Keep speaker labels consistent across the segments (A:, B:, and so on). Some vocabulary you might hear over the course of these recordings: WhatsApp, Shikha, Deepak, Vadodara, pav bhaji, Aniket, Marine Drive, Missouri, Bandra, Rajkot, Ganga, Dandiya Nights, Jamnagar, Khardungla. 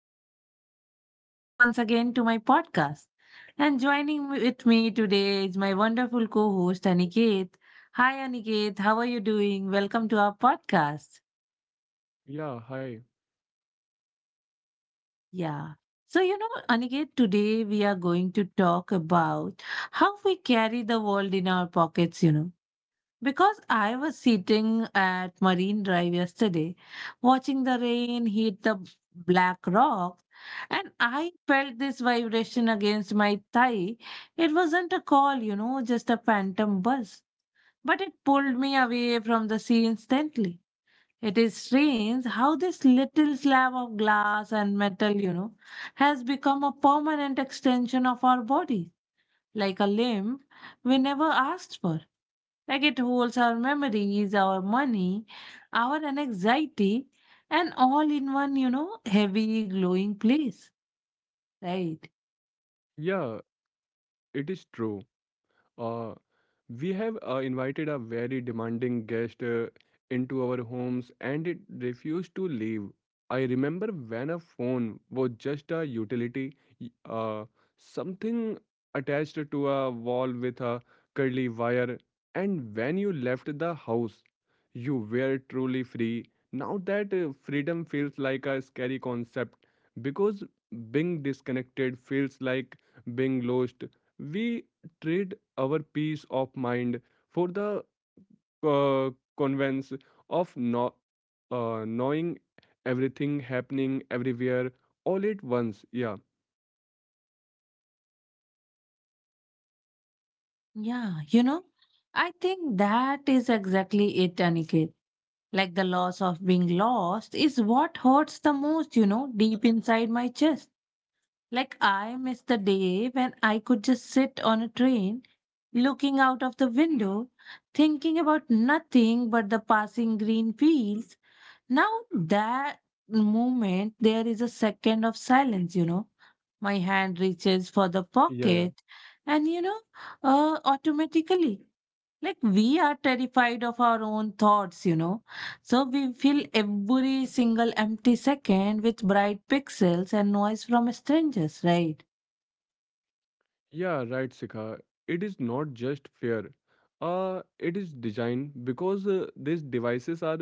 A: Hello, everyone, and welcome once again to my podcast. And joining with me today is my wonderful co host, Aniket. Hi, Aniket, how are you doing? Welcome to our podcast.
B: Yeah, hi.
A: Yeah. So, you know, Aniket, today we are going to talk about how we carry the world in our pockets, you know. Because I was sitting at Marine Drive yesterday, watching the rain hit the black rock, and I felt this vibration against my thigh. It wasn't a call, you know, just a phantom buzz, but it pulled me away from the sea instantly. It is strange how this little slab of glass and metal, you know, has become a permanent extension of our body, like a limb we never asked for. Like it holds our memories, our money, our anxiety, and all in one, you know, heavy, glowing place. Right.
B: Yeah, it is true. Uh, We have invited a very demanding guest into our homes and it refused to leave. I remember when a phone was just a utility, y- uh, something attached to a wall with a curly wire, and when you left the house, you were truly free. Now that freedom feels like a scary concept because being disconnected feels like being lost. We treat our peace of mind for the uh, convenience of no, knowing everything happening everywhere all at once. yeah
A: Yeah. You know, I think that is exactly it, Aniket. Like the loss of being lost is what hurts the most, you know, deep inside my chest. Like I miss the day when I could just sit on a train, looking out of the window, thinking about nothing but the passing green fields. Now that moment, there is a second of silence, you know. My hand reaches for the
B: yeah yeah
A: pocket, and you know, automatically, like we are terrified of our own thoughts, you know. So we fill every single empty second with bright pixels and noise from strangers, right?
B: Yeah, right, Sikha. It is not just fair. It is designed because these devices are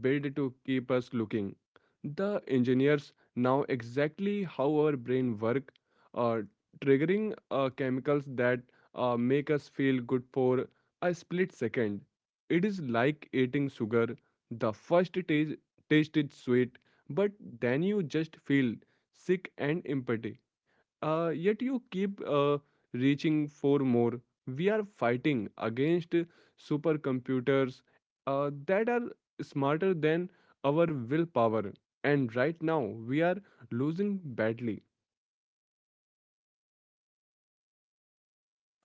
B: built to keep us looking. The engineers know exactly how our brain work, uh, triggering chemicals that make us feel good for a split second. It is like eating sugar. The first taste is sweet, but then you just feel sick and empty. Yet you keep reaching for more. We are fighting against supercomputers that are smarter than our willpower. And right now, we are losing badly.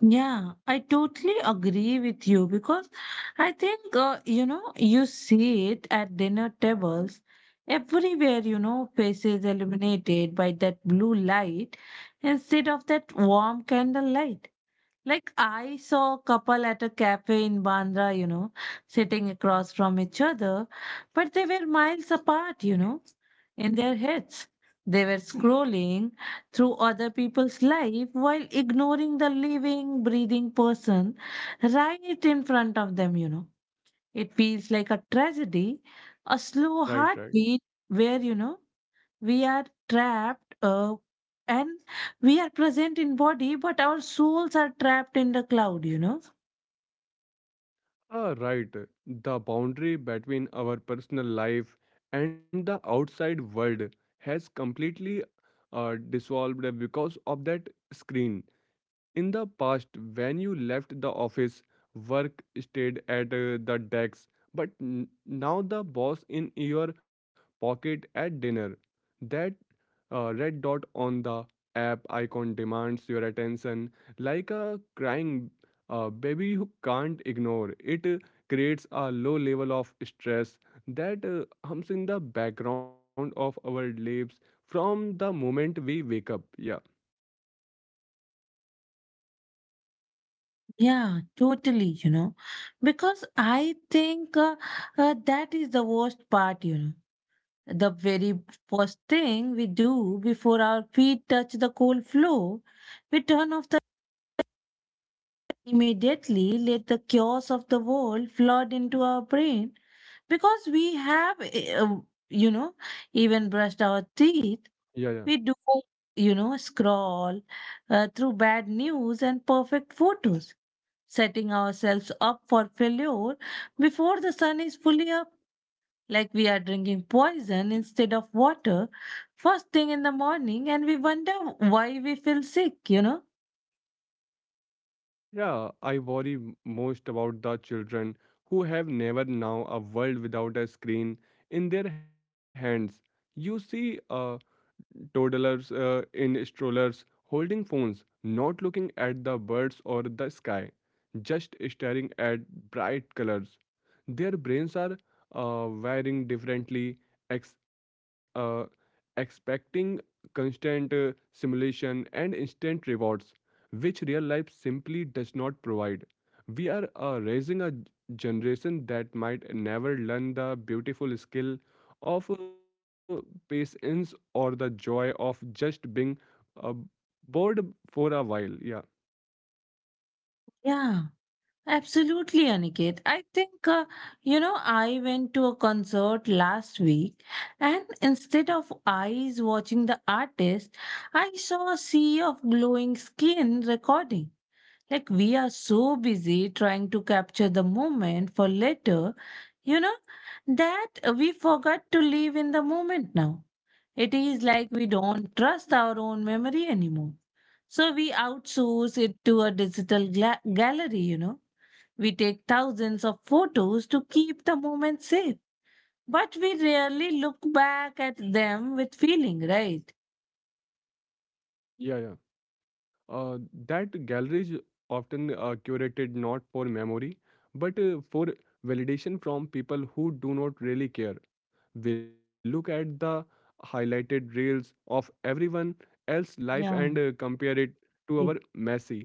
A: Yeah, I totally agree with you because I think, you know, you see it at dinner tables everywhere, you know, faces illuminated by that blue light instead of that warm candlelight. Like I saw a couple at a cafe in Bandra, you know, sitting across from each other, but they were miles apart, you know, in their heads. They were scrolling through other people's life while ignoring the living, breathing person right in front of them, you know. It feels like a tragedy, a slow
B: Right, right.
A: heartbeat where, you know, we are trapped and we are present in body but our souls are trapped in the cloud, you know.
B: Ah, right. The boundary between our personal life and the outside world has completely dissolved because of that screen. In the past, when you left the office, work stayed at the desk, but now the boss in your pocket at dinner. That red dot on the app icon demands your attention like a crying baby who can't ignore. It creates a low level of stress that hums in the background of our lives from the moment we wake up. Yeah,
A: Yeah, totally, you know. Because I think, that is the worst part, you know. The very first thing we do before our feet touch the cold floor, we turn off the immediately let the chaos of the world flood into our brain, because we have uh, you know, even brushed our
B: yeah,
A: teeth.
B: yeah.
A: We do, you know, scroll through bad news and perfect photos, setting ourselves up for failure before the sun is fully up, like we are drinking poison instead of water first thing in the morning, and we wonder why we feel sick, you know?
B: Yeah, I worry most about the children who have never now a world without a screen in their hands. You see toddlers in strollers holding phones, not looking at the birds or the sky, just staring at bright colors. Their brains are wiring differently, ex- uh, expecting constant simulation and instant rewards, which real life simply does not provide. We are raising a generation that might never learn the beautiful skill of patience or the joy of just being uh, bored for a while. Yeah,
A: Yeah. Absolutely, Aniket. I think, you know, I went to a concert last week and instead of eyes watching the artist, I saw a sea of glowing skin recording. Like, we are so busy trying to capture the moment for later, you know, that we forgot to live in the moment now. It is like we don't trust our own memory anymore. So we outsource it to a digital gla- gallery, you know, we take thousands of photos to keep the moment safe, but we rarely look back at them with feeling, right?
B: yeah. uh, that galleries often are curated not for memory but for validation from people who do not really care. We look at the highlighted reels of everyone else's life and
A: Yeah.
B: compare it to our
A: Mm.
B: messy,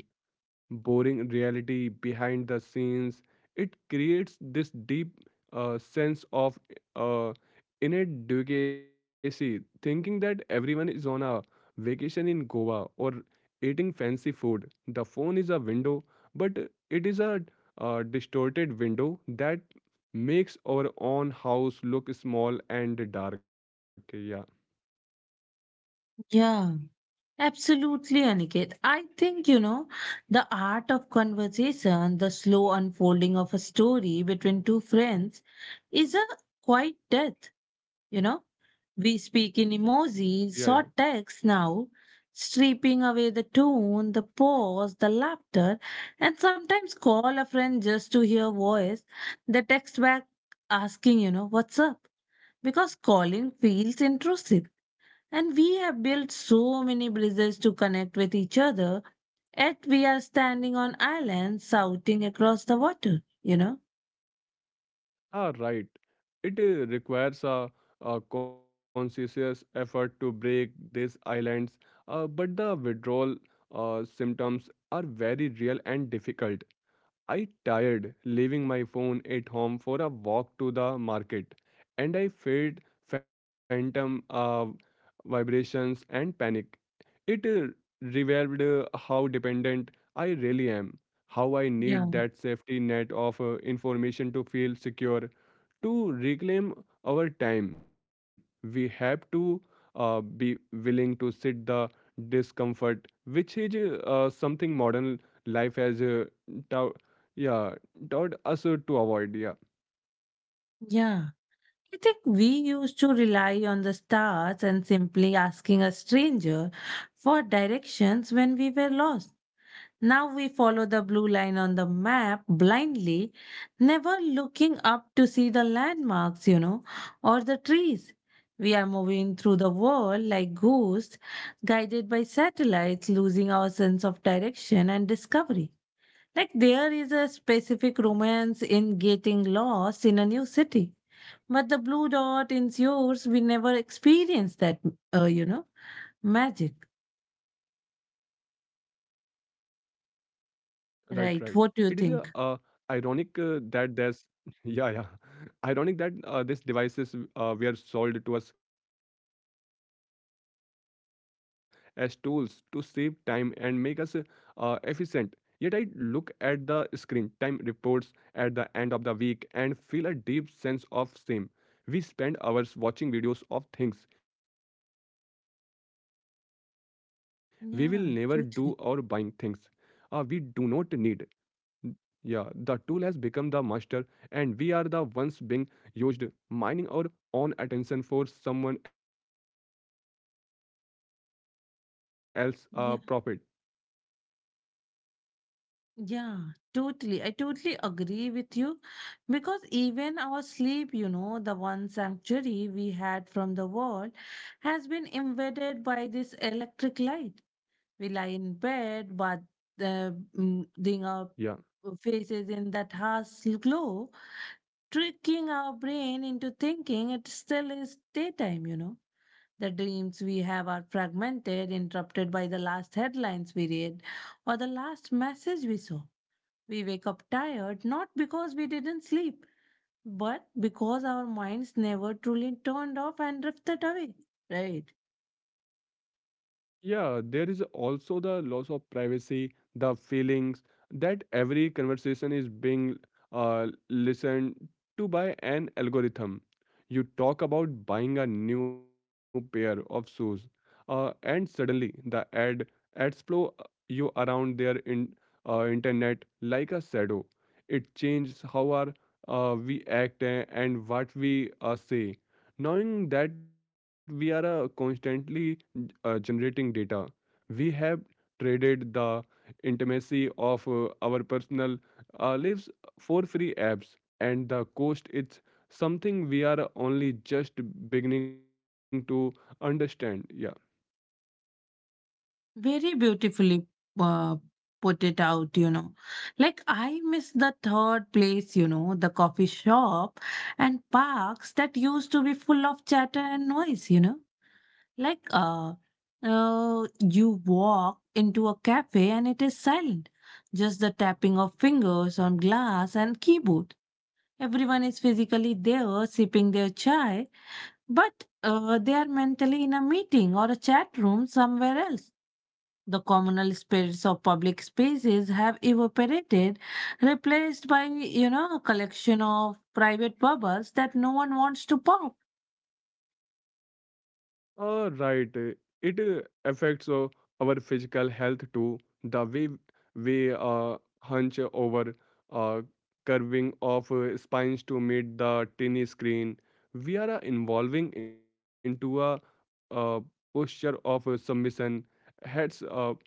B: boring reality behind the scenes. It creates this deep sense of uh, inadequacy, thinking that everyone is on a vacation in Goa or eating fancy food. The phone is a window, but it is a distorted window that makes our own house look small and dark. Yeah,
A: Yeah. Absolutely, Aniket. I think, you know, the art of conversation, the slow unfolding of a story between two friends, is a quiet death. You know, we speak in
B: yeah.
A: emojis, or texts now, stripping away the tone, the pause, the laughter, and sometimes call a friend just to hear voice. They text back asking, you know, what's up? Because calling feels intrusive. And we have built so many bridges to connect with each other, yet we are standing on islands shouting across the water, you know?
B: Ah, right. It requires a conscious effort to break these islands, but the withdrawal symptoms are very real and difficult. I tired leaving my phone at home for a walk to the market, and I felt phantom vibrations and panic. It revealed how dependent I really am, how I need
A: Yeah.
B: that safety net of information to feel secure. To reclaim our time, we have to be willing to sit the discomfort, which is something modern life has taught yeah taught us to avoid. Yeah.
A: Yeah. I think we used to rely on the stars and simply asking a stranger for directions when we were lost. Now we follow the blue line on the map blindly, never looking up to see the landmarks, you know, or the trees. We are moving through the world like ghosts, guided by satellites, losing our sense of direction and discovery. Like there is a specific romance in getting lost in a new city. But the blue dot is yours. We never experienced that, you know, magic.
B: Right, right. It is a ironic
A: Right. What do you
B: that
A: think?
B: there's yeah, yeah. Ironic that these devices were sold to us as tools to save time and make us efficient. Yet I look at the screen time reports at the end of the week and feel a deep sense of shame. We spend hours watching videos of things we will never do or buying things we do not
A: Yeah,
B: need.
A: totally.
B: Yeah, the tool has become the master, and we are the ones being used, mining our own attention for someone else's profit.
A: Yeah, yeah, totally. I totally agree with you because even our sleep, you know, the one sanctuary we had from the world, has been invaded by this electric light. We lie
B: Yeah.
A: in bed, but uh, ding our faces in that harsh glow, tricking our brain into thinking it still is daytime, you know. The dreams we have are fragmented, interrupted by the last headlines we read or the last message we saw. We wake up tired not because we didn't sleep, but because our minds never truly turned off and drifted away. Right.
B: Yeah, there is also the loss of privacy, the feelings that every conversation is being listened to by an algorithm. You talk about buying a new pair of shoes, and suddenly the ad ads flow you around internet like a shadow. It changes how we act and what we say. Knowing that we are constantly generating data, we have traded the intimacy of our personal lives for free apps, and the cost, it's something we are only just beginning to understand. Yeah.
A: Very beautifully uh, put it out, you know. Like I miss the third place, you know, the coffee shop and parks that used to be full of chatter and noise, you know. Like you walk into a cafe and it is silent, just the tapping of fingers on glass and keyboard. Everyone is physically there sipping their chai, but they are mentally in a meeting or a chat room somewhere else. The communal spirits of public spaces have evaporated, replaced by, you know, a collection of private bubbles that no one wants to pop.
B: Right. It affects our physical health too. The way we hunch over, uh, curving of spines to meet the tiny screen, we are evolving into a, uh posture of submission, heads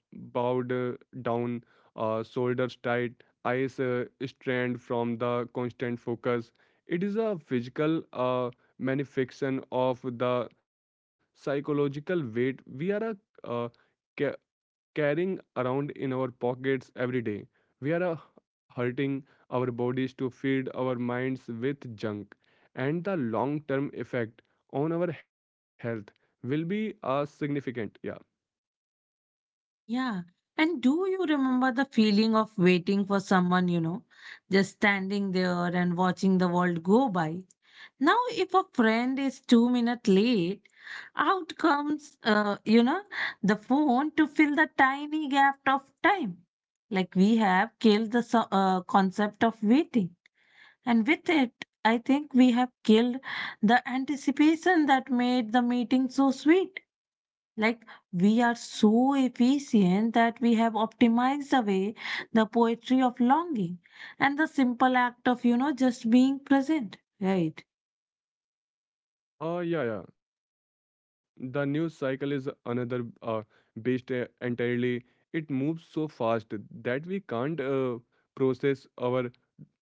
B: bowed down, shoulders tight, eyes strained from the constant focus. It is a physical manifestation of the psychological weight we are ca- carrying around in our pockets every day. We are hurting our bodies to feed our minds with junk, and the long term effect on our health will be significant. Yeah.
A: Yeah. And do you remember the feeling of waiting for someone, you know, just standing there and watching the world go by? Now, if a friend is 2 minutes late, out comes, you know, the phone to fill the tiny gap of time. Like we have killed the concept of waiting. And with it, I think we have killed the anticipation that made the meeting so sweet. Like, we are so efficient that we have optimized away the poetry of longing and the simple act of, you know, just being present, right?
B: Yeah, yeah. The news cycle is another beast entirely. It moves so fast that we can't process our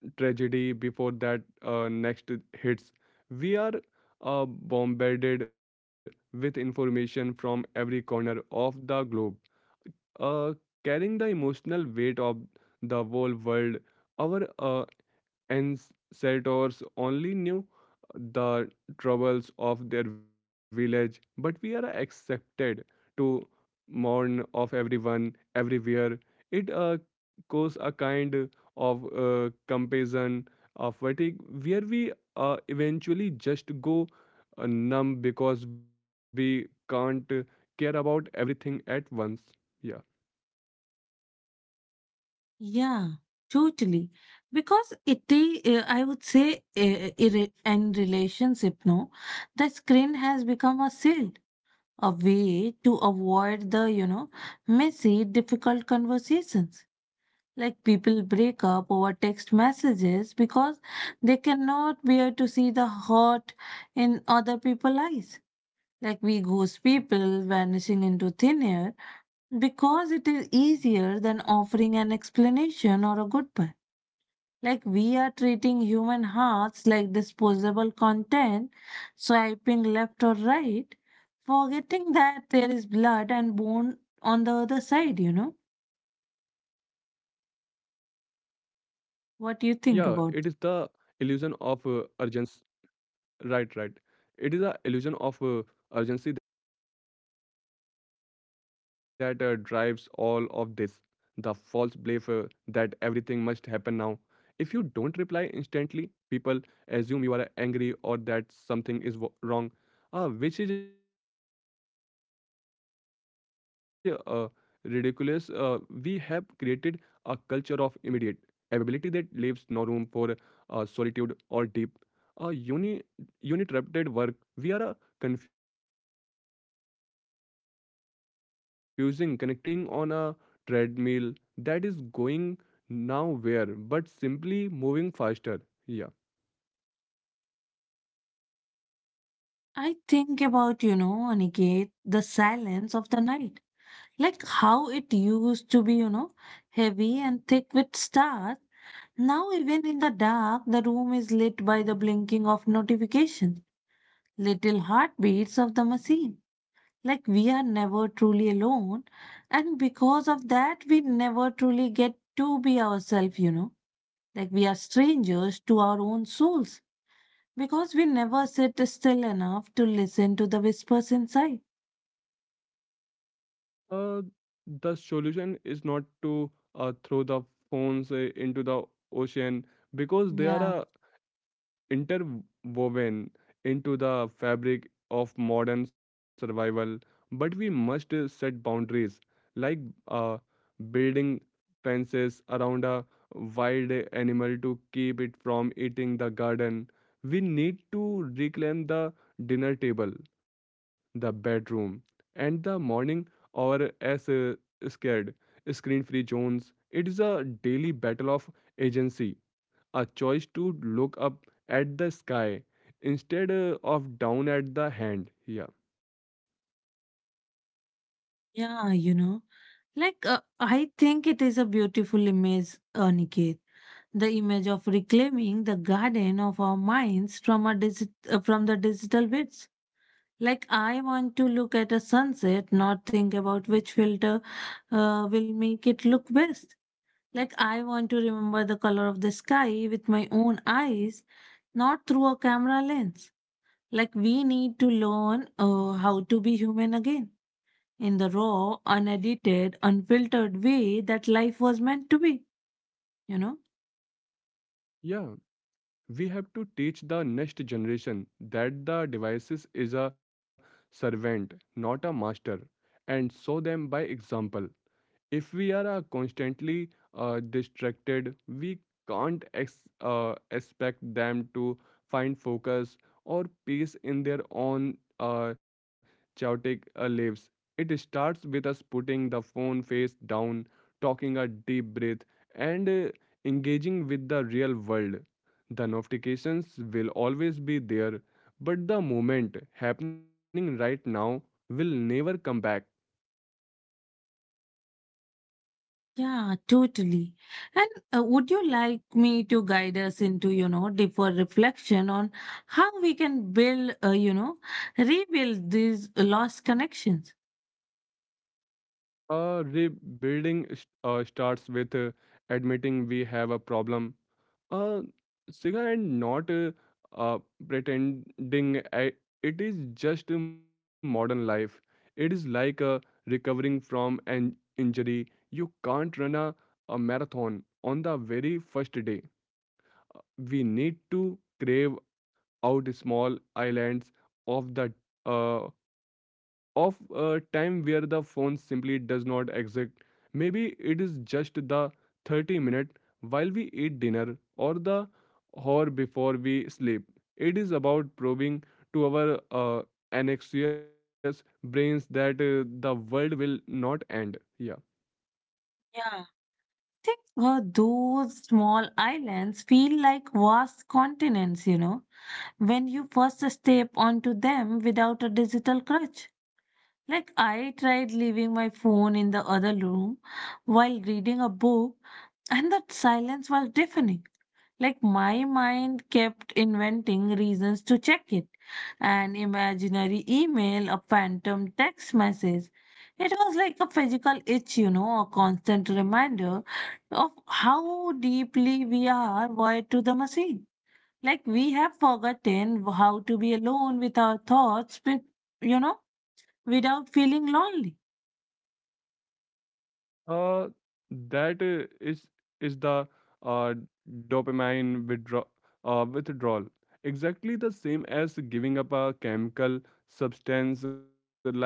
B: tragedy before that next hits. We are bombarded with information from every corner of the globe, uh, carrying the emotional weight of the whole world. Our ancestors only knew the troubles of their village, but we are accepted to mourn of everyone everywhere. It cause a kind of comparison of fatigue where we eventually just go numb because we can't care about everything at once. yeah
A: Yeah, totally. Because I would say, in in relationship, no, the screen has become a shield, a way to avoid the, you know, messy, difficult conversations. Like people break up over text messages because they cannot bear to see the hurt in other people's eyes. Like we ghost people vanishing into thin air because it is easier than offering an explanation or a goodbye. Like we are treating human hearts like disposable content, swiping left or right, forgetting that there is blood and bone on the other side, you know.
B: yeah it is the illusion of
A: What do you think about
B: urgency.
A: that?
B: Right, right. It is a illusion of urgency that drives all of this. The false belief that everything must happen now. If you don't reply instantly, people assume you are angry or that something is wrong, which is ridiculous. We have created a culture of immediate availability that leaves no room for solitude or deep a uni uninterrupted work via a confusing connectivity with connection and speed with substance, running on a treadmill that is going nowhere but simply moving faster. Yeah.
A: I think about, you know, Aniket, the silence of the night. Like how it used to be, you know, heavy and thick with stars. Now, even in the dark, the room is lit by the blinking of notifications, little heartbeats of the machine. Like we are never truly alone, and because of that, we never truly get to be ourselves, you know. Like we are strangers to our own souls because we never sit still enough to listen to the whispers inside.
B: Uh, the solution is not to throw the phones into the ocean because they are
A: Yeah,
B: a interwoven into the fabric of modern survival, but we must set boundaries like uh, building fences around a wild animal to keep it from eating the garden. We need to reclaim the dinner table, the bedroom, and the morning or as scared screen free zones. It is a daily battle of agency, a choice to look up at the sky instead of down at the hand. Yeah
A: yeah, you know. Like, I think it is a beautiful image, Niket. The image of reclaiming the garden of our minds from, from the digital bits. Like I want to look at a sunset, not think about which filter will make it look best. Like I want to remember the color of the sky with my own eyes, not through a camera lens. Like we need to learn how to be human again in the raw, unedited, unfiltered way that life was meant to be, you know?
B: yeah we have to teach the next generation that the devices is a servant, not a master, and show them by example. If we are constantly distracted, we can't expect them to find focus or peace in their own chaotic lives. It starts with us putting the phone face down, talking a deep breath, and engaging with the real world. The notifications will always be there, but the moment happening right now will never come back.
A: Yeah, totally. And would you like me to guide us into, you know, deeper reflection on how we can build, you know, rebuild these lost connections?
B: Rebuilding starts with admitting we have a problem. Uh, Siga, and not uh, pretending it is just a modern life. It is like recovering from an injury. You can't run a marathon on the very first day. We need to crave out small islands of the uh, of a time where the phone simply does not exist. Maybe it is just the 30-minute while we eat dinner or the hour before we sleep. It is about proving to our anxious brains that the world will not end. Yeah.
A: Yeah. I think those small islands feel like vast continents, you know, when you first step onto them without a digital crutch. Like, I tried leaving my phone in the other room while reading a book, and that silence was deafening. Like, my mind kept inventing reasons to check it, an imaginary email, a phantom text message. It was like a physical itch, you know, a constant reminder of how deeply we are wired to the machine. Like, we have forgotten how to be alone with our thoughts, with, you know, without feeling lonely.
B: Uh, that is the uh, dopamine withdrawal. Exactly the same as giving up a chemical substance like sugar.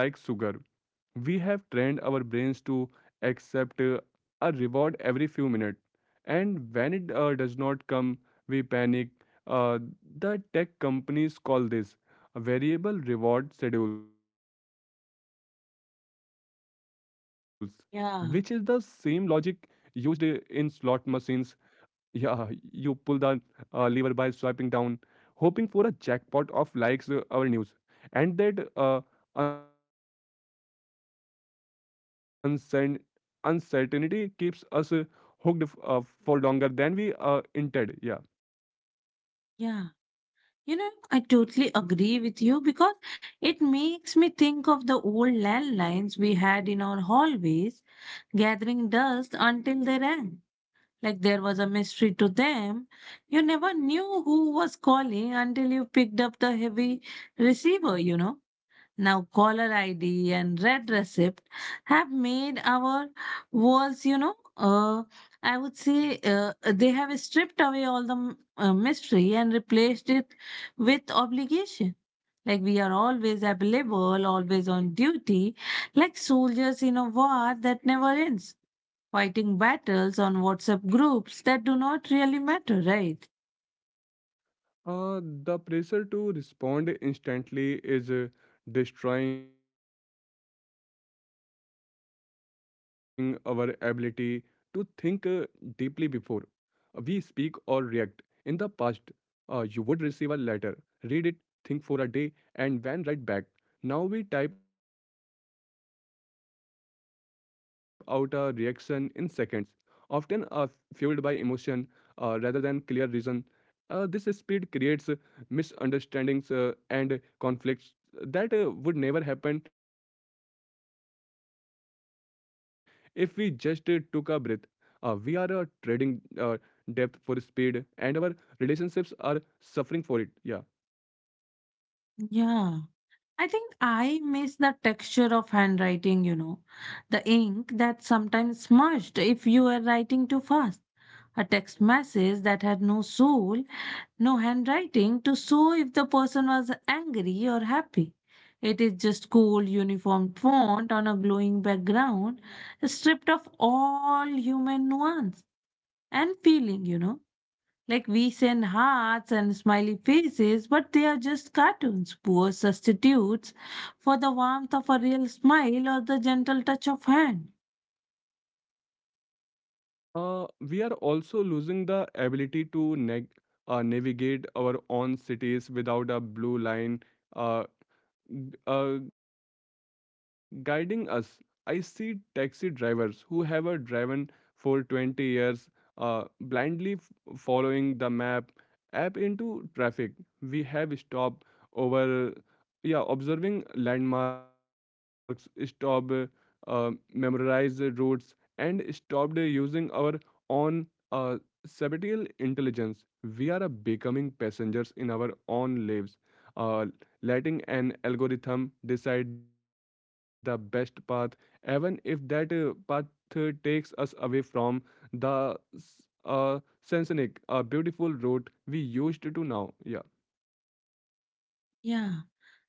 B: We have trained our brains to accept a reward every few minutes, and when it does not come, we panic. uh, the tech companies call this variable reward schedules, which is the same logic used in slot
A: Yeah,
B: machines. Yeah, you pull the lever by swiping down, hoping for a jackpot of likes our news. And that uncern- uncertainty keeps us hooked for longer than we intended. Yeah.
A: yeah. You know, I totally agree with you because it makes me think of the old landlines we had in our hallways, gathering dust until they rang. Like there was a mystery to them. You never knew who was calling until you picked up the heavy receiver, you know. Now, caller ID and red receipt have made our walls, you know, I would say they have stripped away all the mystery and replaced it with obligation. Like we are always available, always on duty, like
B: Yeah.
A: soldiers in a war that never ends, fighting battles on WhatsApp groups that do not really matter, right?
B: The pressure to respond instantly is destroying our ability to think deeply before we speak or react. In the past, you would receive a letter. Read it, think for a day, and then write back. Now we type out a reaction in seconds, often fueled by emotion rather than clear reason. This speed creates misunderstandings and conflicts that would never happen if we just took a breath. We are trading depth for speed, and our relationships are suffering for it yeah
A: Yeah. I think I miss the texture of handwriting, you know, the ink that sometimes smudged if you were writing too fast. A text message that had no soul, no handwriting to show if the person was angry or happy. It is just cool, uniform font on a glowing background, stripped of all human nuance and feeling, you know. Like we send hearts and smiley faces, but they are just cartoons, poor substitutes for the warmth of a real smile or the gentle touch of hand.
B: uh, we are also losing the ability to navigate our own cities without a blue line uh, g- uh, guiding us. I see taxi drivers who have driven for 20 years, blindly following the map app into traffic. We have stopped over, yeah, observing landmarks, stop memorize routes, and stopped using our own uh, subtle intelligence. We are becoming passengers in our own lives. Uh, Letting an algorithm decide the best path, even if that path takes us away from the sensonic, a beautiful route we used to now. Yeah.
A: Yeah,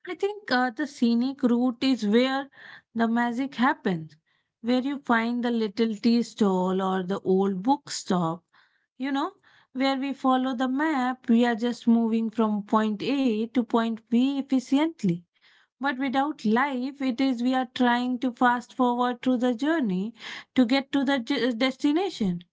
A: I think the scenic route is where the magic happens, where you find the little tea stall or the old bookstop, you know, where we follow the map, we are just moving from point A to point B efficiently, but without life. It is we are trying to fast forward through the journey to get to the destination,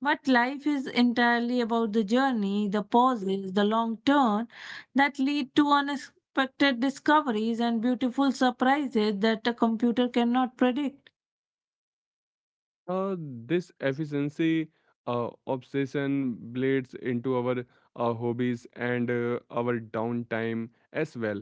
A: but life is entirely about the journey, the pauses, the long turn that lead to unexpected discoveries and beautiful surprises that a computer cannot predict.
B: This efficiency obsession bleeds into our hobbies and our downtime as well,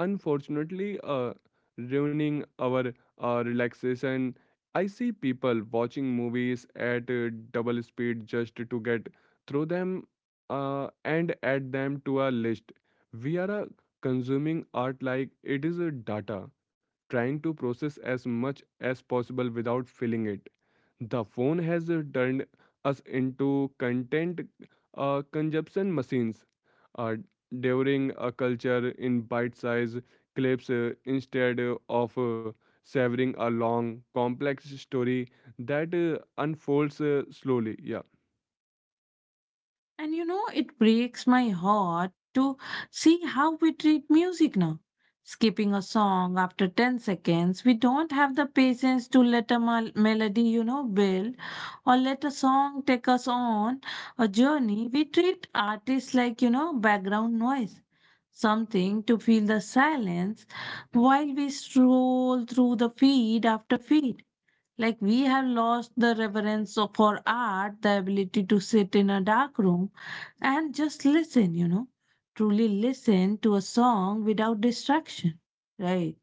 B: unfortunately ruining our relaxation. I see people watching movies at double speed just to get through them, and add them to our list. We are consuming art like it is a data, trying to process as much as possible without feeling it. The phone has turned us into content consumption machines, uh, devouring a culture in bite sized clips, instead of savoring a long, complex story that unfolds slowly. Yeah.
A: And you know, it breaks my heart to see how we treat music now. Skipping a song after 10 seconds, we don't have the patience to let a melody, you know, build or let a song take us on a journey. We treat artists like, you know, background noise, something to fill the silence while we stroll through the feed after feed. Like we have lost the reverence for art, the ability to sit in a dark room and just listen, you know, truly listen to a song without distraction, right?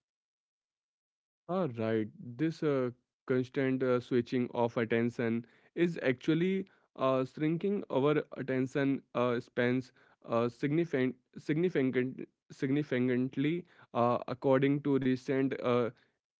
B: Ah, right. This constant switching of attention is actually shrinking our attention spans significantly, according to recent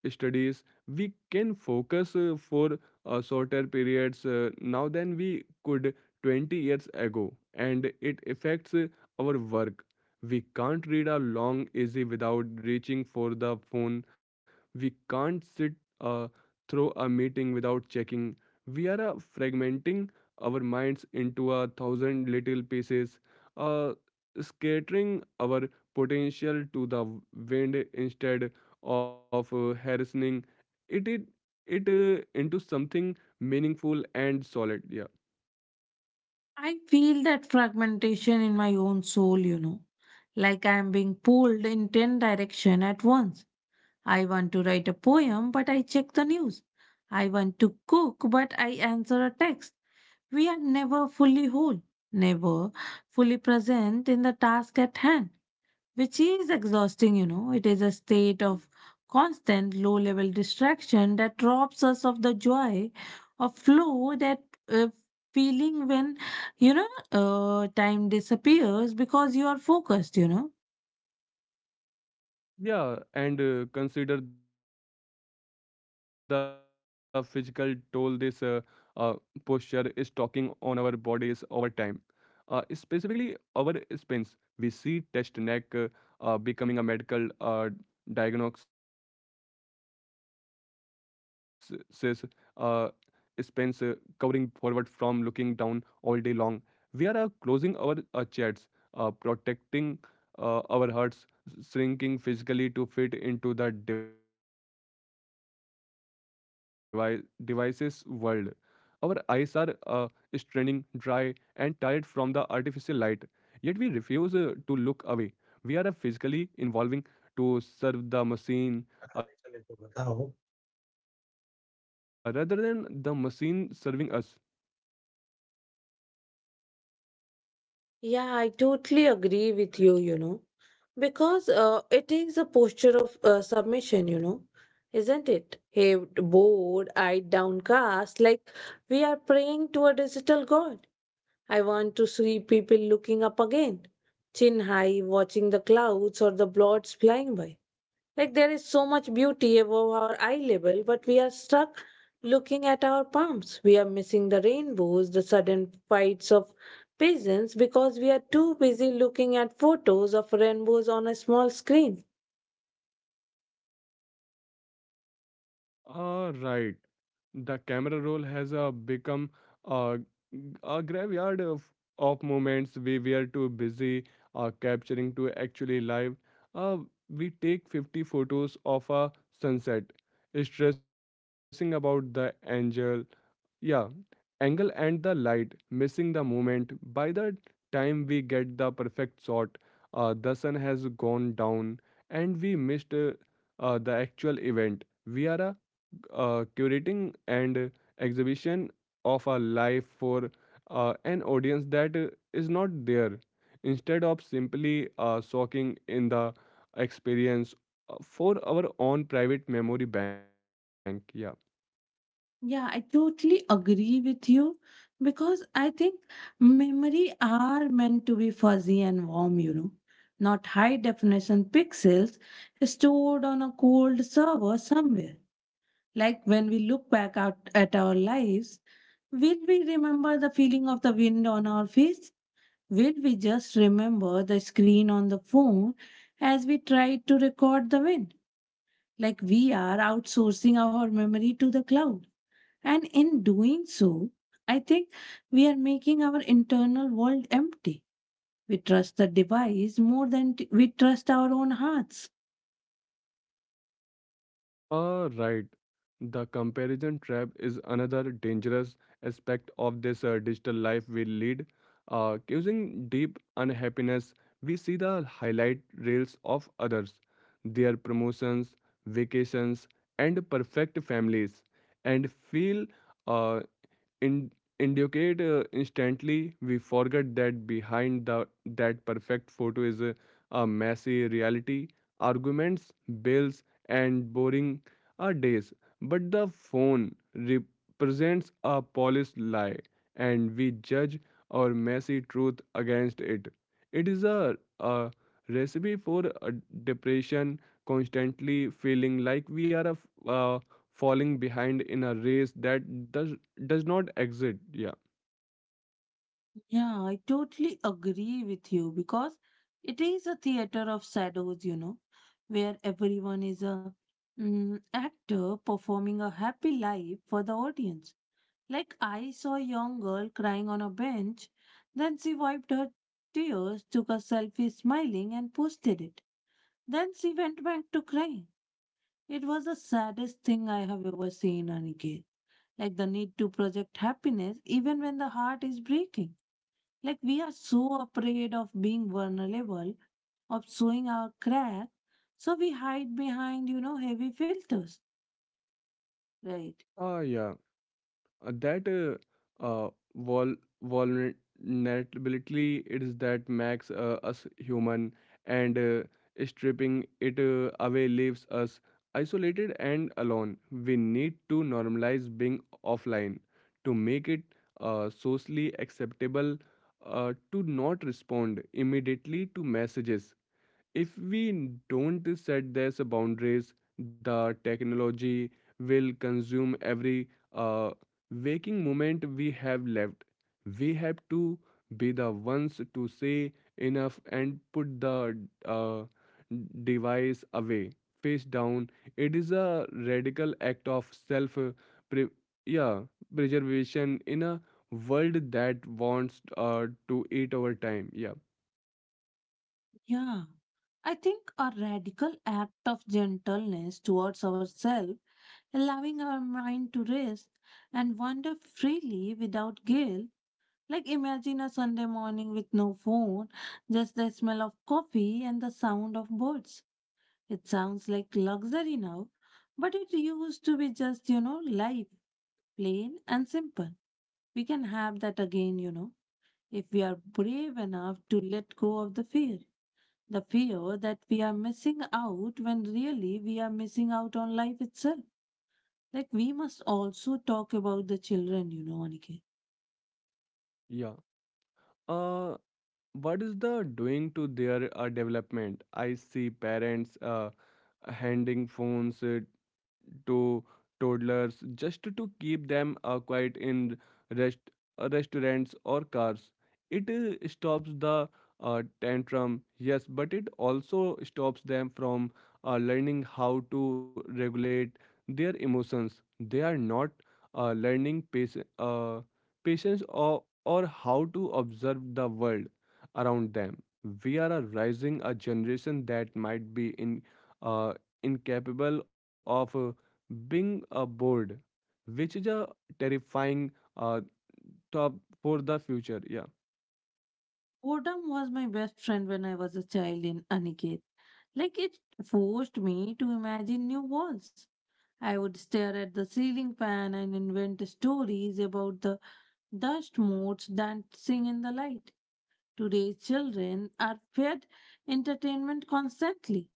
B: studies. We can focus for shorter periods now than we could 20 years ago, and it affects our work. We can't read a long essay without reaching for the phone. We can't sit uh, through a meeting without checking. We are fragmenting our minds into a thousand little pieces, uh, scattering our potential to the wind instead of harrowing it it, it into something meaningful and solid. yeah
A: I feel that fragmentation in my own soul, you know, like I am being pulled in 10 directions at once. I want to write a poem, but I check the news. I want to cook, but I answer a text. We are never fully whole, never fully present in the task at hand, which is exhausting, you know. It is a state of constant low level distraction that robs us of the joy of flow, that uh, feeling when, you know, time disappears because you are focused, you know.
B: yeah And consider the physical toll this uh, posture is talking on our bodies over time, specifically our spines. We see test neck becoming a medical diagnosis, uh, spends covering forward from looking down all day long. We are closing our chats, protecting our hearts, shrinking physically to fit into the devices world. Our eyes are straining, dry, and tired from the artificial light, yet we refuse to look away. We are physically involving to serve the machine rather than the machine serving us.
A: Yeah, I totally agree with you, you know, because it is a posture of submission, you know, isn't it? Hey, bored, eyed downcast, like we are praying to a digital god. I want to see people looking up again, chin high, watching the clouds or the blots flying by. Like there is so much beauty above our eye level, but we are stuck looking at our palms. We are missing the rainbows, the sudden fights of pigeons because we are too busy looking at photos of rainbows on a small screen.
B: Ah, right. The camera roll has become uh, a graveyard of moments we were too busy capturing to actually live. Uh, we take 50 photos of a sunset, stressing about the angel, yeah, angle and the light, missing the moment. By the time we get the perfect shot, the sun has gone down and we missed the actual event. We are curating and exhibition of a life for an audience that is not there, instead of simply soaking in the experience for our own private memory bank. Yeah.
A: Yeah, I totally agree with you because I think memory are meant to be fuzzy and warm, you know, not high definition pixels stored on a cold server somewhere. Like when we look back out at our lives, will we remember the feeling of the wind on our face? Will we just remember the screen on the phone as we try to record the wind? Like we are outsourcing our memory to the cloud, and in doing so, I think we are making our internal world empty. We trust the device more than we trust our own hearts.
B: Ah, right. The comparison trap is another dangerous aspect of this digital life we lead, causing deep unhappiness. We see the highlight reels of others, their promotions, vacations, and perfect families, and feel uh, in indicate instantly. We forget that behind the that perfect photo is a messy reality, arguments, bills, and boring days. But the phone represents a polished lie, and we judge our messy truth against it. It is a recipe for depression, constantly feeling like we are falling behind in a race that does does not exit. yeah
A: Yeah, I totally agree with you because it is a theater of shadows, you know, where everyone is a mm, actor performing a happy life for the audience. Like I saw a young girl crying on a bench, then she wiped her tears, took a selfie smiling and posted it. Then she went back to cry. It was the saddest thing I have ever seen, Aniket. Like the need to project happiness even when the heart is breaking. Like we are so afraid of being vulnerable, of showing our crack, so we hide behind, you know, heavy filters. Right.
B: ah yeah Uh, That vol vulnerability is that makes us human, and stripping it away leaves us isolated and alone. We need to normalize being offline, to make it socially acceptable to not respond immediately to messages. If we don't set these boundaries, the technology will consume every uh, waking moment we have left. We have to be the ones to say enough and put the uh, device away, face down. It is a radical act of self pre- yeah, preservation in a world that wants to eat our time. Yeah,
A: Yeah. I think a radical act of gentleness towards ourselves, allowing our mind to rest and wander freely without guilt. Like imagine a Sunday morning with no phone, just the smell of coffee and the sound of birds. It sounds like luxury now, but it used to be just, you know, life, plain and simple. We can have that again, you know, if we are brave enough to let go of the fear. The fear that we are missing out when really we are missing out on life itself. Like we must also talk about the children, you know, Aniket.
B: yeah. Uh, what is the doing to their development? I see parents handing phones to toddlers just to keep them quiet in rest restaurants or cars. It stops the tantrum, yes, but it also stops them from learning how to regulate their emotions. They are not learning pace, patience, or how to observe the world around them. We are a rising a generation that might be in uh, incapable of being bored, which is a terrifying uh, top for the future. Yeah,
A: Boredom was my best friend when I was a child in Aniket. Like it forced me to imagine new worlds. I would stare at the ceiling fan and invent stories about the dust motes dancing in the light. Today's children are fed entertainment constantly.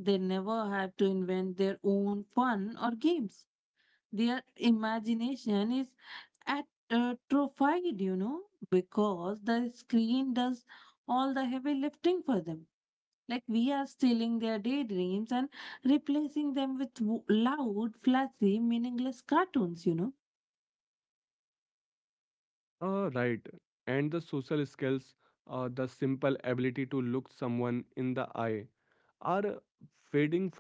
A: They never have to invent their own fun or games. Their imagination is at atrophied, you know, because the screen does all the heavy lifting for them. Like we are stealing their daydreams and replacing them with loud, flashy, meaningless cartoons, you know.
B: uh, Right. And the social skills, the simple ability to look someone in the eye are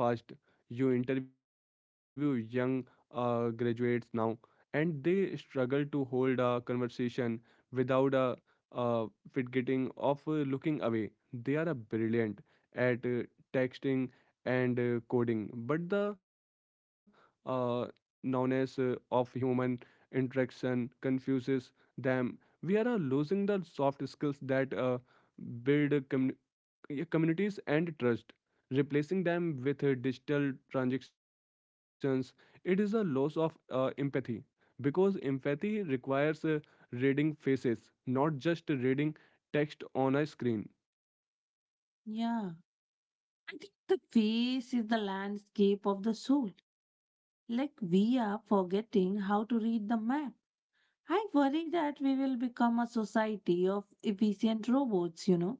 B: fading fast. You interview young graduates now, and they struggle to hold a conversation without a uh, fit getting of looking away. They are brilliant at texting and coding, but the uh, numbness of human interaction confuses them. We are losing the soft skills that build communities and trust, replacing them with digital transactions. It is a loss of empathy, because empathy requires reading faces, not just reading text on a screen.
A: Yeah. I think the face is the landscape of the soul. Like we are forgetting how to read the map. I worry that we will become a society of efficient robots, you know,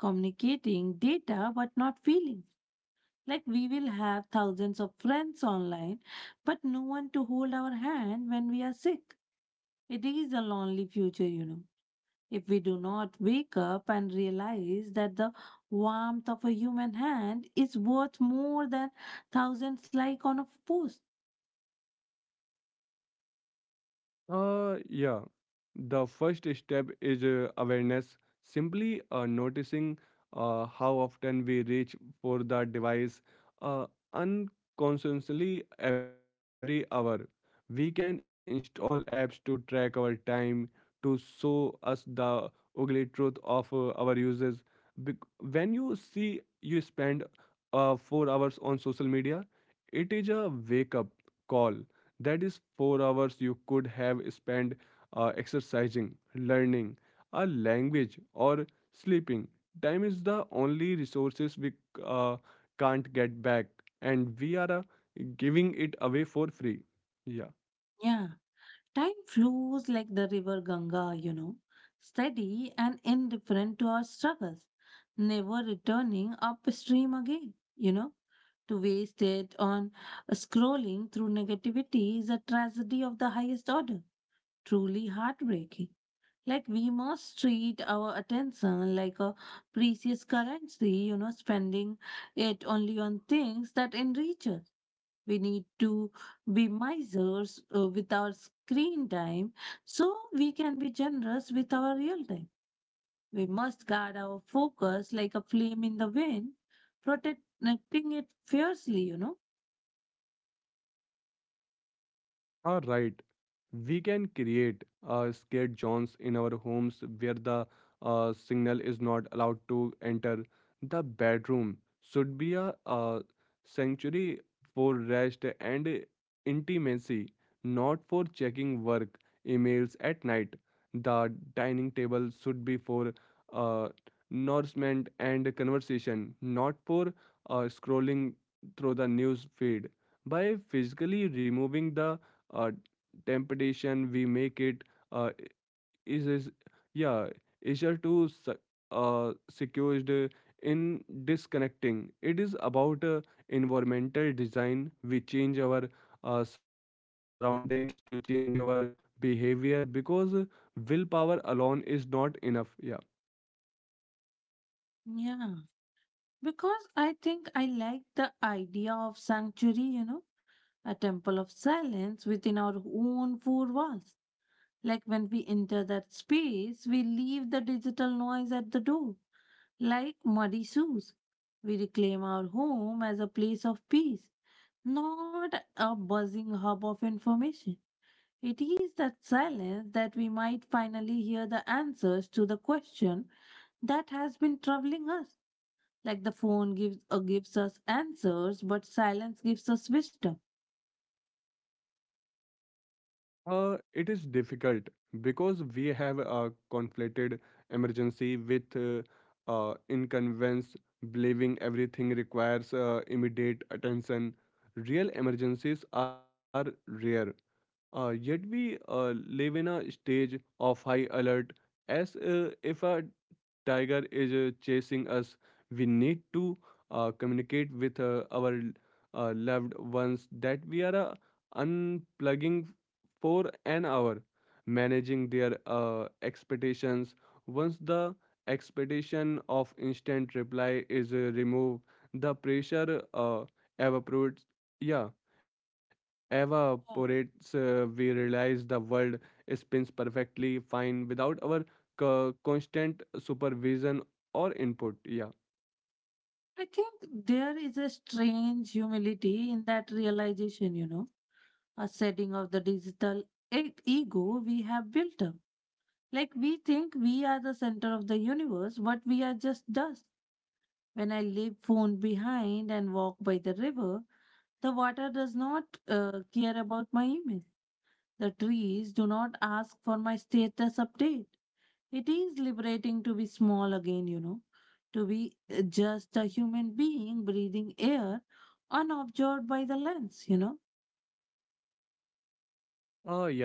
A: communicating data but not feeling. Like we will have thousands of friends online, but no one to hold our hand when we are sick. It is a lonely future, you know, if we do not wake up and realize that the warmth of a human hand is worth more than thousands like on a post.
B: Yeah. The first step is awareness. Simply noticing how often we reach for the device uh, unconsciously every hour. We can install apps to track our time, to show us the ugly truth of our uses. Bec- when you see you spend 4 hours on social media, it is a wake up call. That is 4 hours you could have spent exercising, learning a language, or sleeping. Time is the only resources we uh, can't get back, and we are giving it away for free. Yeah.
A: Yeah. Time flows like the river Ganga, you know, steady and indifferent to our struggles, never returning upstream again, you know. To waste it on scrolling through negativity is a tragedy of the highest order. Truly heartbreaking. Like we must treat our attention like a precious currency, you know, spending it only on things that enrich us. We need to be misers with our screen time so we can be generous with our real time. We must guard our focus like a flame in the wind, protecting it fiercely, you know.
B: All right, we can create scared zones in our homes where the signal is not allowed to enter. The bedroom should be a sanctuary for rest and intimacy, not for checking work emails at night. The dining table should be for uh, nourishment and conversation, not for scrolling through the news feed. By physically removing the uh, temptation, we make it uh, is yeah easier to secured in disconnecting. It is about environmental design. We change our surroundings to change our behavior, because willpower alone is not enough yeah
A: Yeah, because I think I like the idea of sanctuary, you know, a temple of silence within our own four walls. Like when we enter that space, we leave the digital noise at the door, like muddy shoes. We reclaim our home as a place of peace, not a buzzing hub of information. It is that silence that we might finally hear the answers to the question that has been troubling us. Like the phone gives gives us answers, but silence gives us wisdom.
B: It is difficult because we have conflated emergency with inconvenience, believing everything requires immediate attention. Real emergencies are rare, yet we live in a stage of high alert as if a tiger is chasing us. We need to communicate with our loved ones that we are unplugging for an hour, managing their expectations. Once the expectation of instant reply is removed, the pressure evaporates. Yeah,
A: Yeah.
B: we realize the world spins perfectly fine without our constant supervision or input. Yeah.
A: I think there is a strange humility in that realization, you know, a setting of the digital ego we have built up. Like we think we are the center of the universe, but we are just dust. When I leave phone behind and walk by the river, the water does not care about my email. The trees do not ask for my status update. It is liberating to be small again, you know, to be just a human being breathing air unobserved by the lens, you know.
B: Oh, yeah.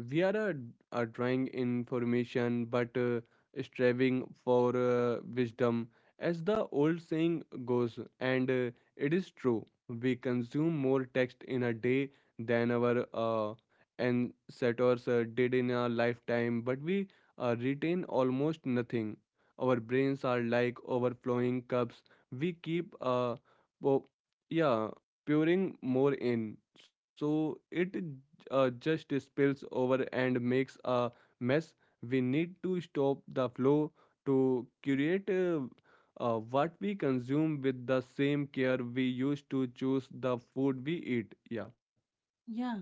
B: We are drawing information but striving for wisdom, as the old saying goes, and it is true. We consume more text in a day than our ancestors did in a lifetime, but we retain almost nothing. Our brains are like overflowing cups. We keep po- yeah pouring more in, so it just spills over and makes a mess. We need to stop the flow to curate what we consume with the same care we used to choose the food we eat. Yeah.
A: Yeah.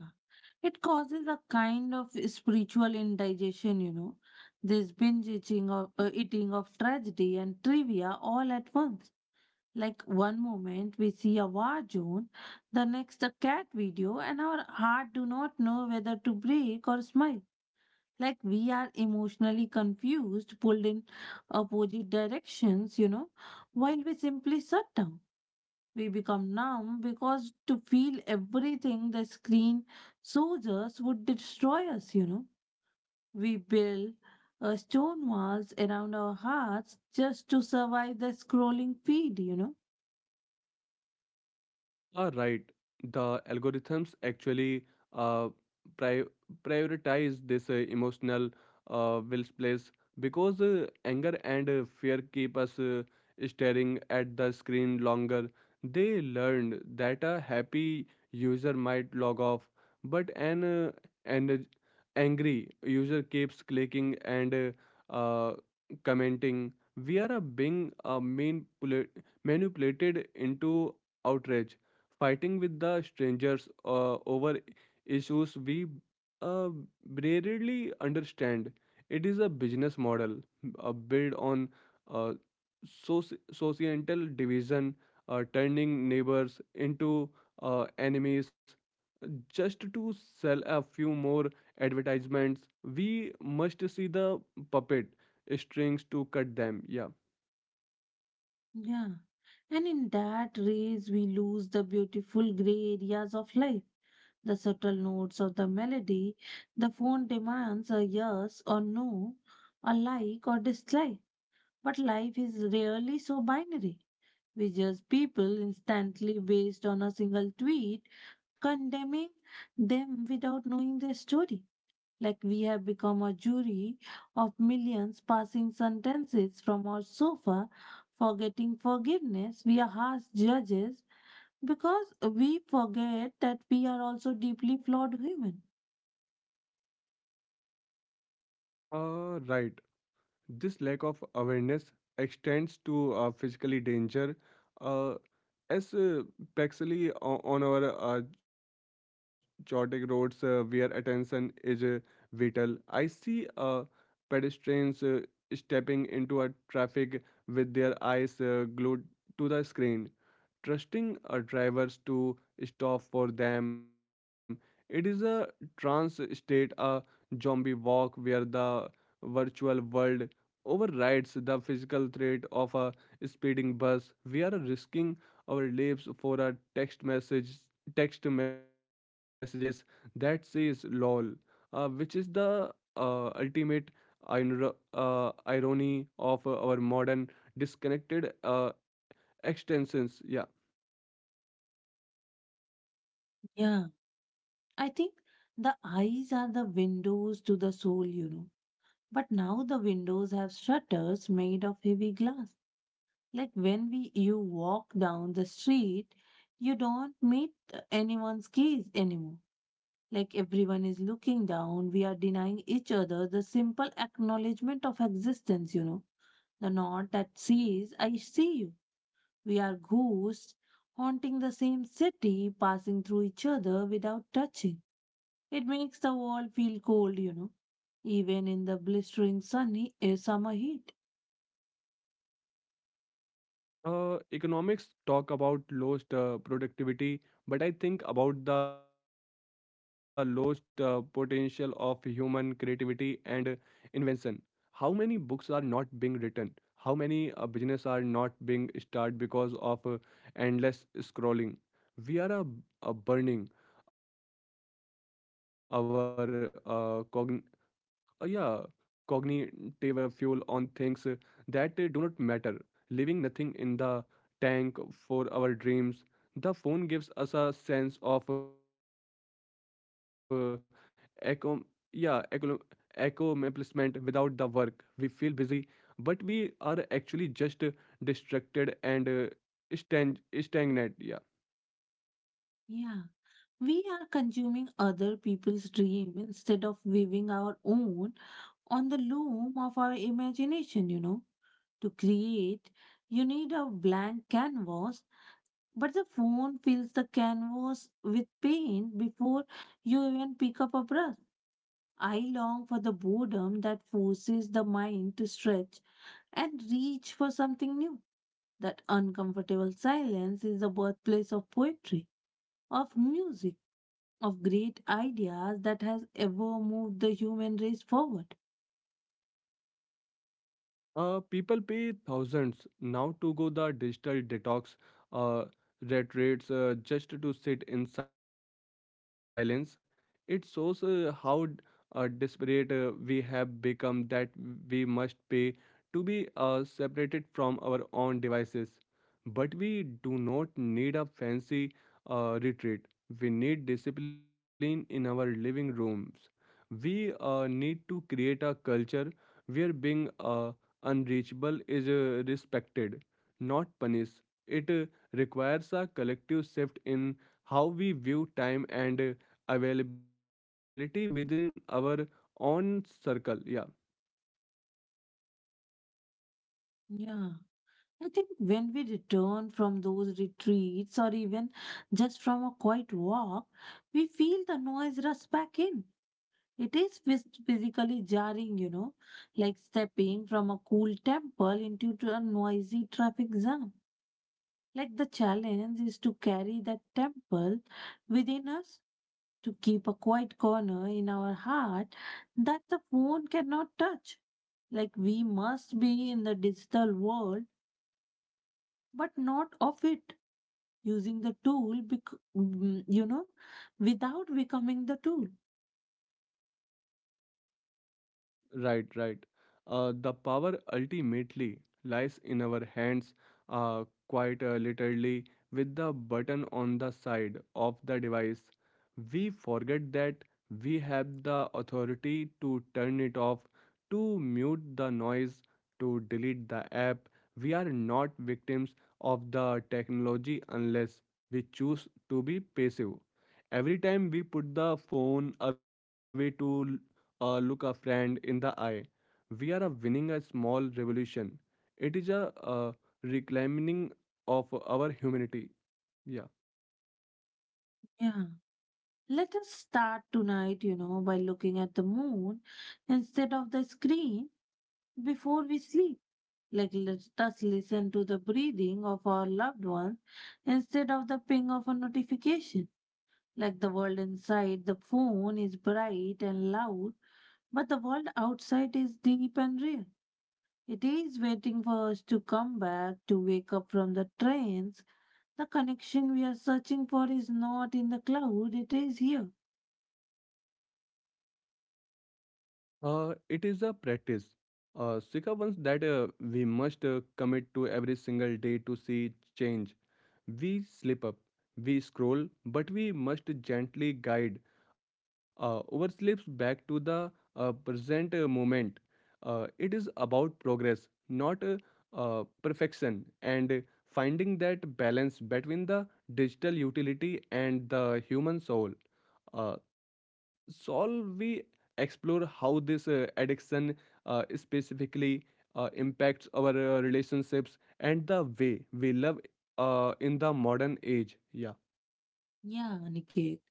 A: It causes a kind of spiritual indigestion, you know, this binge eating of, tragedy and trivia all at once. Like one moment we see a war zone, the next a cat video, and our heart do not know whether to break or smile. Like we are emotionally confused, pulled in opposite directions, you know, while we simply shut down. We become numb because to feel everything the screen shows us would destroy us, you know. We build stone walls around our hearts just to survive the scrolling feed, you know.
B: Are right. The algorithms actually uh, pri- prioritize this emotional will place, because anger and fear keep us staring at the screen longer. They learned that a happy user might log off, but an angry user keeps clicking and uh, uh, commenting. We are being manipulated into outrage, fighting with the strangers over issues we uh, rarely understand. It is a business model built on uh, societal division, turning neighbors into enemies just to sell a few more advertisements. We must see the puppet strings to cut them. Yeah.
A: Yeah. And in that race, we lose the beautiful gray areas of life, the subtle notes of the melody. The phone demands a yes or no, a like or dislike. But life is rarely so binary. We judge people instantly based on a single tweet, condemning them without knowing their story. Like we have become a jury of millions passing sentences from our sofa, forgetting forgiveness. We are harsh judges because we forget that we are also deeply flawed human.
B: Right. This lack of awareness extends to physically danger, Uh, as Pexley on our chaotic roads where attention is vital. I see pedestrians stepping into a traffic with their eyes glued to the screen, trusting drivers to stop for them. It is a trance state, a zombie walk where the virtual world overrides the physical threat of a speeding bus. We are risking our lives for a text message, text messages that says "lol," which is the ultimate irony of our modern disconnected extensions. Yeah.
A: Yeah, I think the eyes are the windows to the soul, you know. But now the windows have shutters made of heavy glass. Like when we you walk down the street, you don't meet anyone's gaze anymore. Like everyone is looking down, we are denying each other the simple acknowledgement of existence, you know. The knot that says, I see you. We are ghosts haunting the same city, passing through each other without touching. It makes the world feel cold, you know, even in the blistering sunny summer heat.
B: Economics talk about lost productivity, but I think about the lost potential of human creativity and invention. How many books are not being written? How many business are not being started because of endless scrolling? We are burning our uh, yeah, cognitive fuel on things that do not matter, leaving nothing in the tank for our dreams. The phone gives us a sense of echo, yeah, echo, accomplishment without the work. We feel busy, but we are actually just distracted and stagnant. Yeah.
A: Yeah. We are consuming other people's dream instead of weaving our own on the loom of our imagination, you know. To create, you need a blank canvas, but the phone fills the canvas with paint before you even pick up a brush. I long for the boredom that forces the mind to stretch and reach for something new. That uncomfortable silence is the birthplace of poetry, of music, of great ideas that has ever moved the human race forward.
B: People pay thousands now to go the digital detox uh, retreats just to sit in silence. It shows how desperate we have become that we must pay to be separated from our own devices. But we do not need a fancy retreat. We need discipline in our living rooms. We need to create a culture where being unreachable is respected, not punished. It requires a collective shift in how we view time and availability within our own circle. Yeah.
A: Yeah, I think when we return from those retreats or even just from a quiet walk, we feel the noise rush back in. It is physically jarring, you know, like stepping from a cool temple into to a noisy traffic jam. Like the challenge is to carry that temple within us, to keep a quiet corner in our heart that the phone cannot touch. Like we must be in the digital world, but not of it, using the tool without becoming the tool.
B: Right, right. The power ultimately lies in our hands, uh, quite literally, with the button on the side of the device. We forget that we have the authority to turn it off, to mute the noise, to delete the app. We are not victims of the technology unless we choose to be passive. Every time we put the phone away to look a friend in the eye, we are a winning a small revolution. It is a reclaiming of our humanity. Yeah.
A: Yeah, let us start tonight, you know, by looking at the moon instead of the screen before we sleep. Like let us listen to the breathing of our loved ones instead of the ping of a notification. Like the world inside the phone is bright and loud, but the world outside is deep and real. It is waiting for us to come back, to wake up from the trance. The connection we are searching for is not in the cloud, it is here.
B: It is a practice. Sika once that we must commit to every single day to see change. We slip up, we scroll, but we must gently guide our slips back to the present moment. It is about progress, not perfection, and finding that balance between the digital utility and the human soul. Uh, Solve we explore how this addiction specifically impacts our relationships and the way we love in the modern age. Yeah.
A: Yeah, Aniket.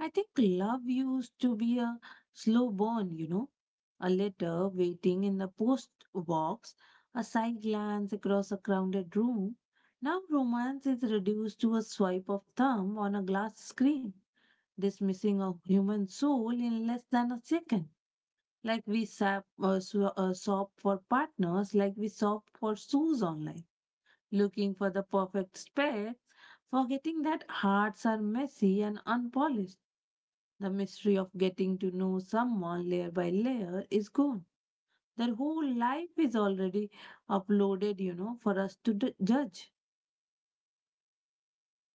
A: I think love used to be a slow burn, you know. A letter waiting in the post box, a side glance across a crowded room. Now romance is reduced to a swipe of thumb on a glass screen, dismissing a human soul in less than a second. Like we shop for partners, like we shop for shoes online, looking for the perfect pair, forgetting that hearts are messy and unpolished. The mystery of getting to know someone layer by layer is gone. Their whole life is already uploaded, you know, for us to judge.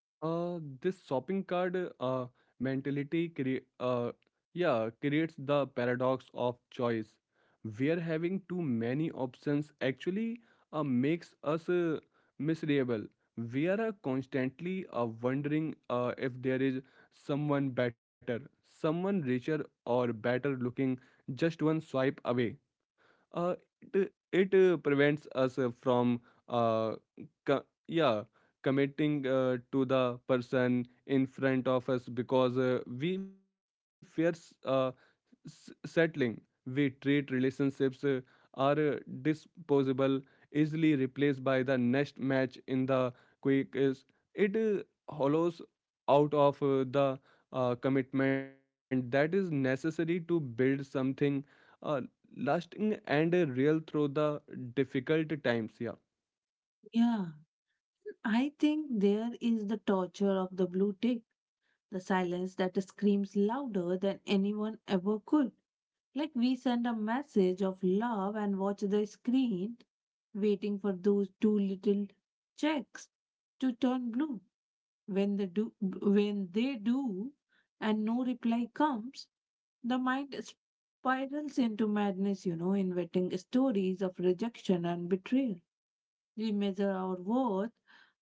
B: This shopping card mentality creates the paradox of choice, where having too many options actually makes us miserable. We are constantly wondering if there is someone better, someone richer, or better looking just one swipe away. uh, it prevents us from uh, co- yeah committing to the person in front of us because we fears settling. We treat relationships are disposable, easily replaced by the next match in the quick. Is it hollows out of the commitment that is necessary to build something uh, lasting and real through the difficult times. Yeah.
A: Yeah, I think there is the torture of the blue tick, the silence that screams louder than anyone ever could. Like we send a message of love and watch the screen, waiting for those two little checks to turn blue. When they do, and no reply comes, the mind spirals into madness, you know, inventing stories of rejection and betrayal. We measure our worth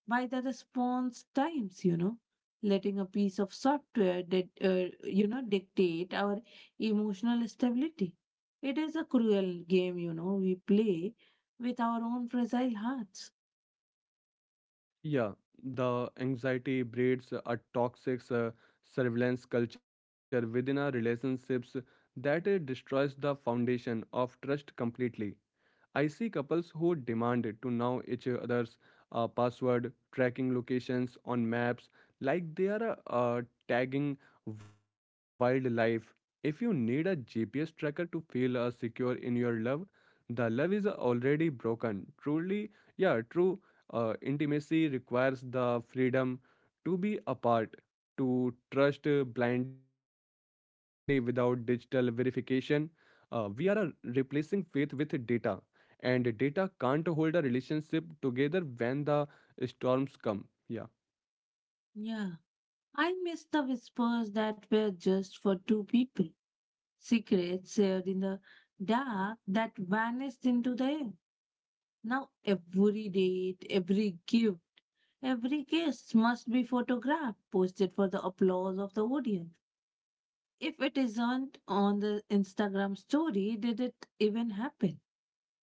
A: by the response times, you know, letting a piece of software that, dictate our emotional stability. It is a cruel game, you know, we play with our own fragile hearts.
B: Yeah, the anxiety breeds a toxic surveillance culture within our relationships that destroys the foundation of trust completely. I see couples who demand to know each other's password, tracking locations on maps, like they are tagging wildlife. If you need a GPS tracker to feel secure in your love, the love is already broken. Truly, yeah, true intimacy requires the freedom to be apart, to trust blindly without digital verification. We are replacing faith with data, and data can't hold a relationship together when the storms come. Yeah.
A: Yeah, I miss the whispers that were just for two people, secrets shared in the dark that vanished into the air. Now every date, every gift, every kiss must be photographed, posted for the applause of the audience. If it isn't on the Instagram story, did it even happen?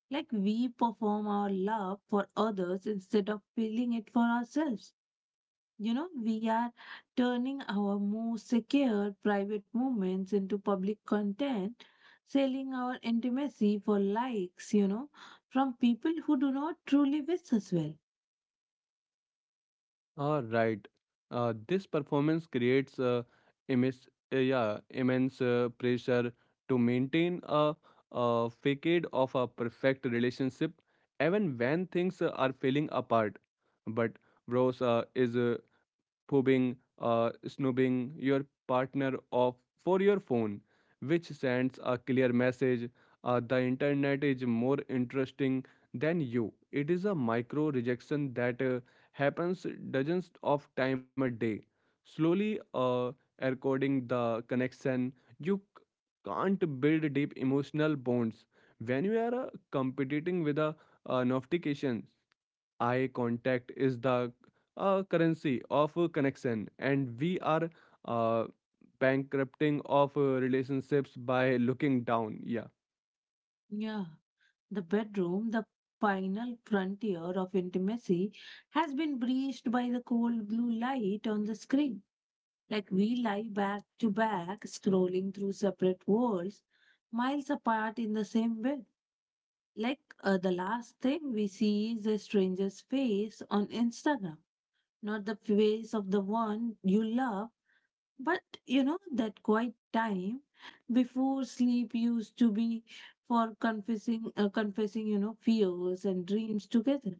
A: Like we perform our love for others instead of feeling it for ourselves. You know, we are turning our most secure private moments into public content, selling our intimacy for likes, from people who do not truly wish us well.
B: All right. This performance creates immense yeah immense pressure to maintain a facade of a perfect relationship even when things are falling apart, but bros is probing, uh, snooping your partner off for your phone, which sends a clear message, the internet is more interesting than you. It is a micro rejection that happens dozens of time a day, slowly eroding the connection. You can't build deep emotional bonds when you are competing with a notification. Eye contact is the currency of a connection, and we are uh, bankrupting of relationships by looking down. Yeah.
A: Yeah. The bedroom, the final frontier of intimacy, has been breached by the cold blue light on the screen. Like we lie back to back, scrolling through separate worlds, miles apart in the same bed. Like the last thing we see is a stranger's face on Instagram, not the face of the one you love. But you know, that quiet time before sleep used to be for confessing, you know, fears and dreams together.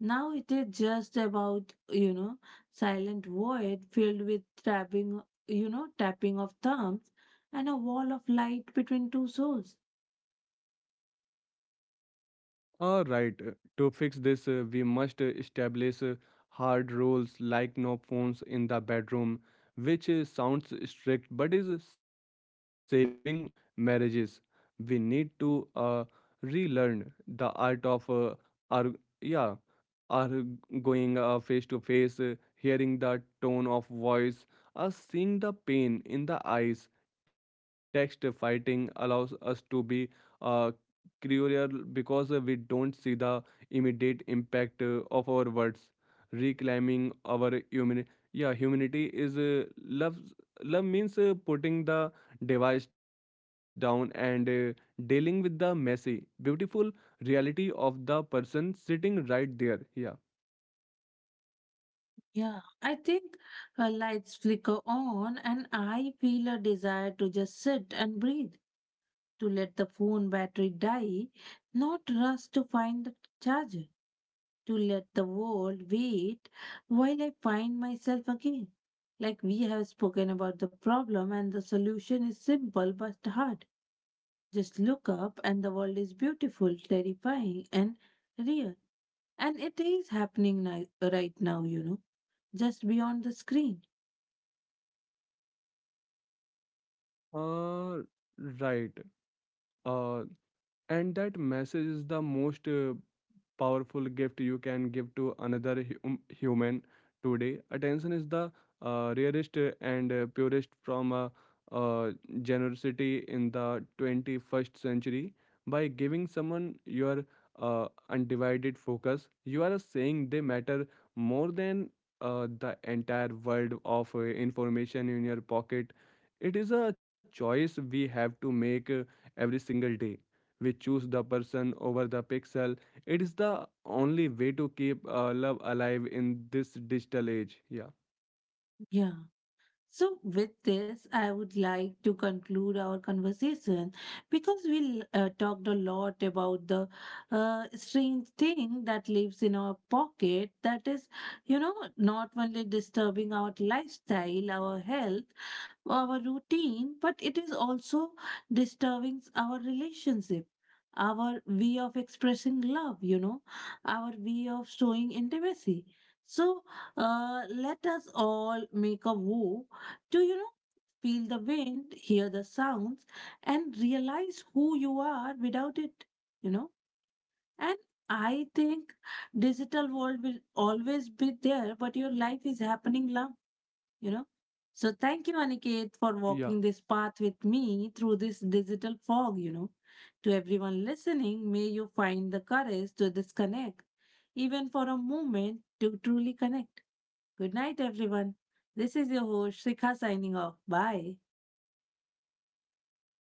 A: Now it is just about, you know, silent void filled with tapping, tapping of thumbs and a wall of light between two souls.
B: All right. To fix this we must establish hard rules like no phones in the bedroom, which sounds strict but is saving marriages. We need to relearn the art of arg- yeah or going face to face, hearing the tone of voice, or seeing the pain in the eyes. Text fighting allows us to be uh, cruel because we don't see the immediate impact of our words. Reclaiming our humanity, yeah, humanity is love. Love means putting the device down and dealing with the messy, beautiful reality of the person sitting right there. Yeah.
A: Yeah, I think her lights flicker on, and I feel a desire to just sit and breathe, to let the phone battery die, not rush to find the charger, to let the world wait while I find myself again. Like we have spoken about the problem, and the solution is simple but hard. Just look up, and the world is beautiful, terrifying, and real. And it is happening right now, you know, just beyond the screen.
B: Uh, right. Uh, and that message is the most powerful gift you can give to another human today. Attention is the rarest and purest from uh, generosity in the 21st century. By giving someone your undivided focus, you are saying they matter more than the entire world of information in your pocket. It is a choice we have to make every single day. We choose the person over the pixel. It is the only way to keep love alive in this digital age. Yeah.
A: Yeah. So, with this, I would like to conclude our conversation, because we talked a lot about the strange thing that lives in our pocket that is, you know, not only disturbing our lifestyle, our health, our routine, but it is also disturbing our relationship. Our way of expressing love, you know, our way of showing intimacy. So, let us all make a vow, do you know? Feel the wind, hear the sounds, and realize who you are without it, you know? And I think digital world will always be there, but your life is happening now, you know? So thank you, Aniket, for
B: Yeah.
A: walking this path with me through this digital fog, you know? To everyone listening, may you find the courage to disconnect, even for a moment, to truly connect. Good night, everyone. This is your host, Shikha, signing off. Bye.
B: Thank you.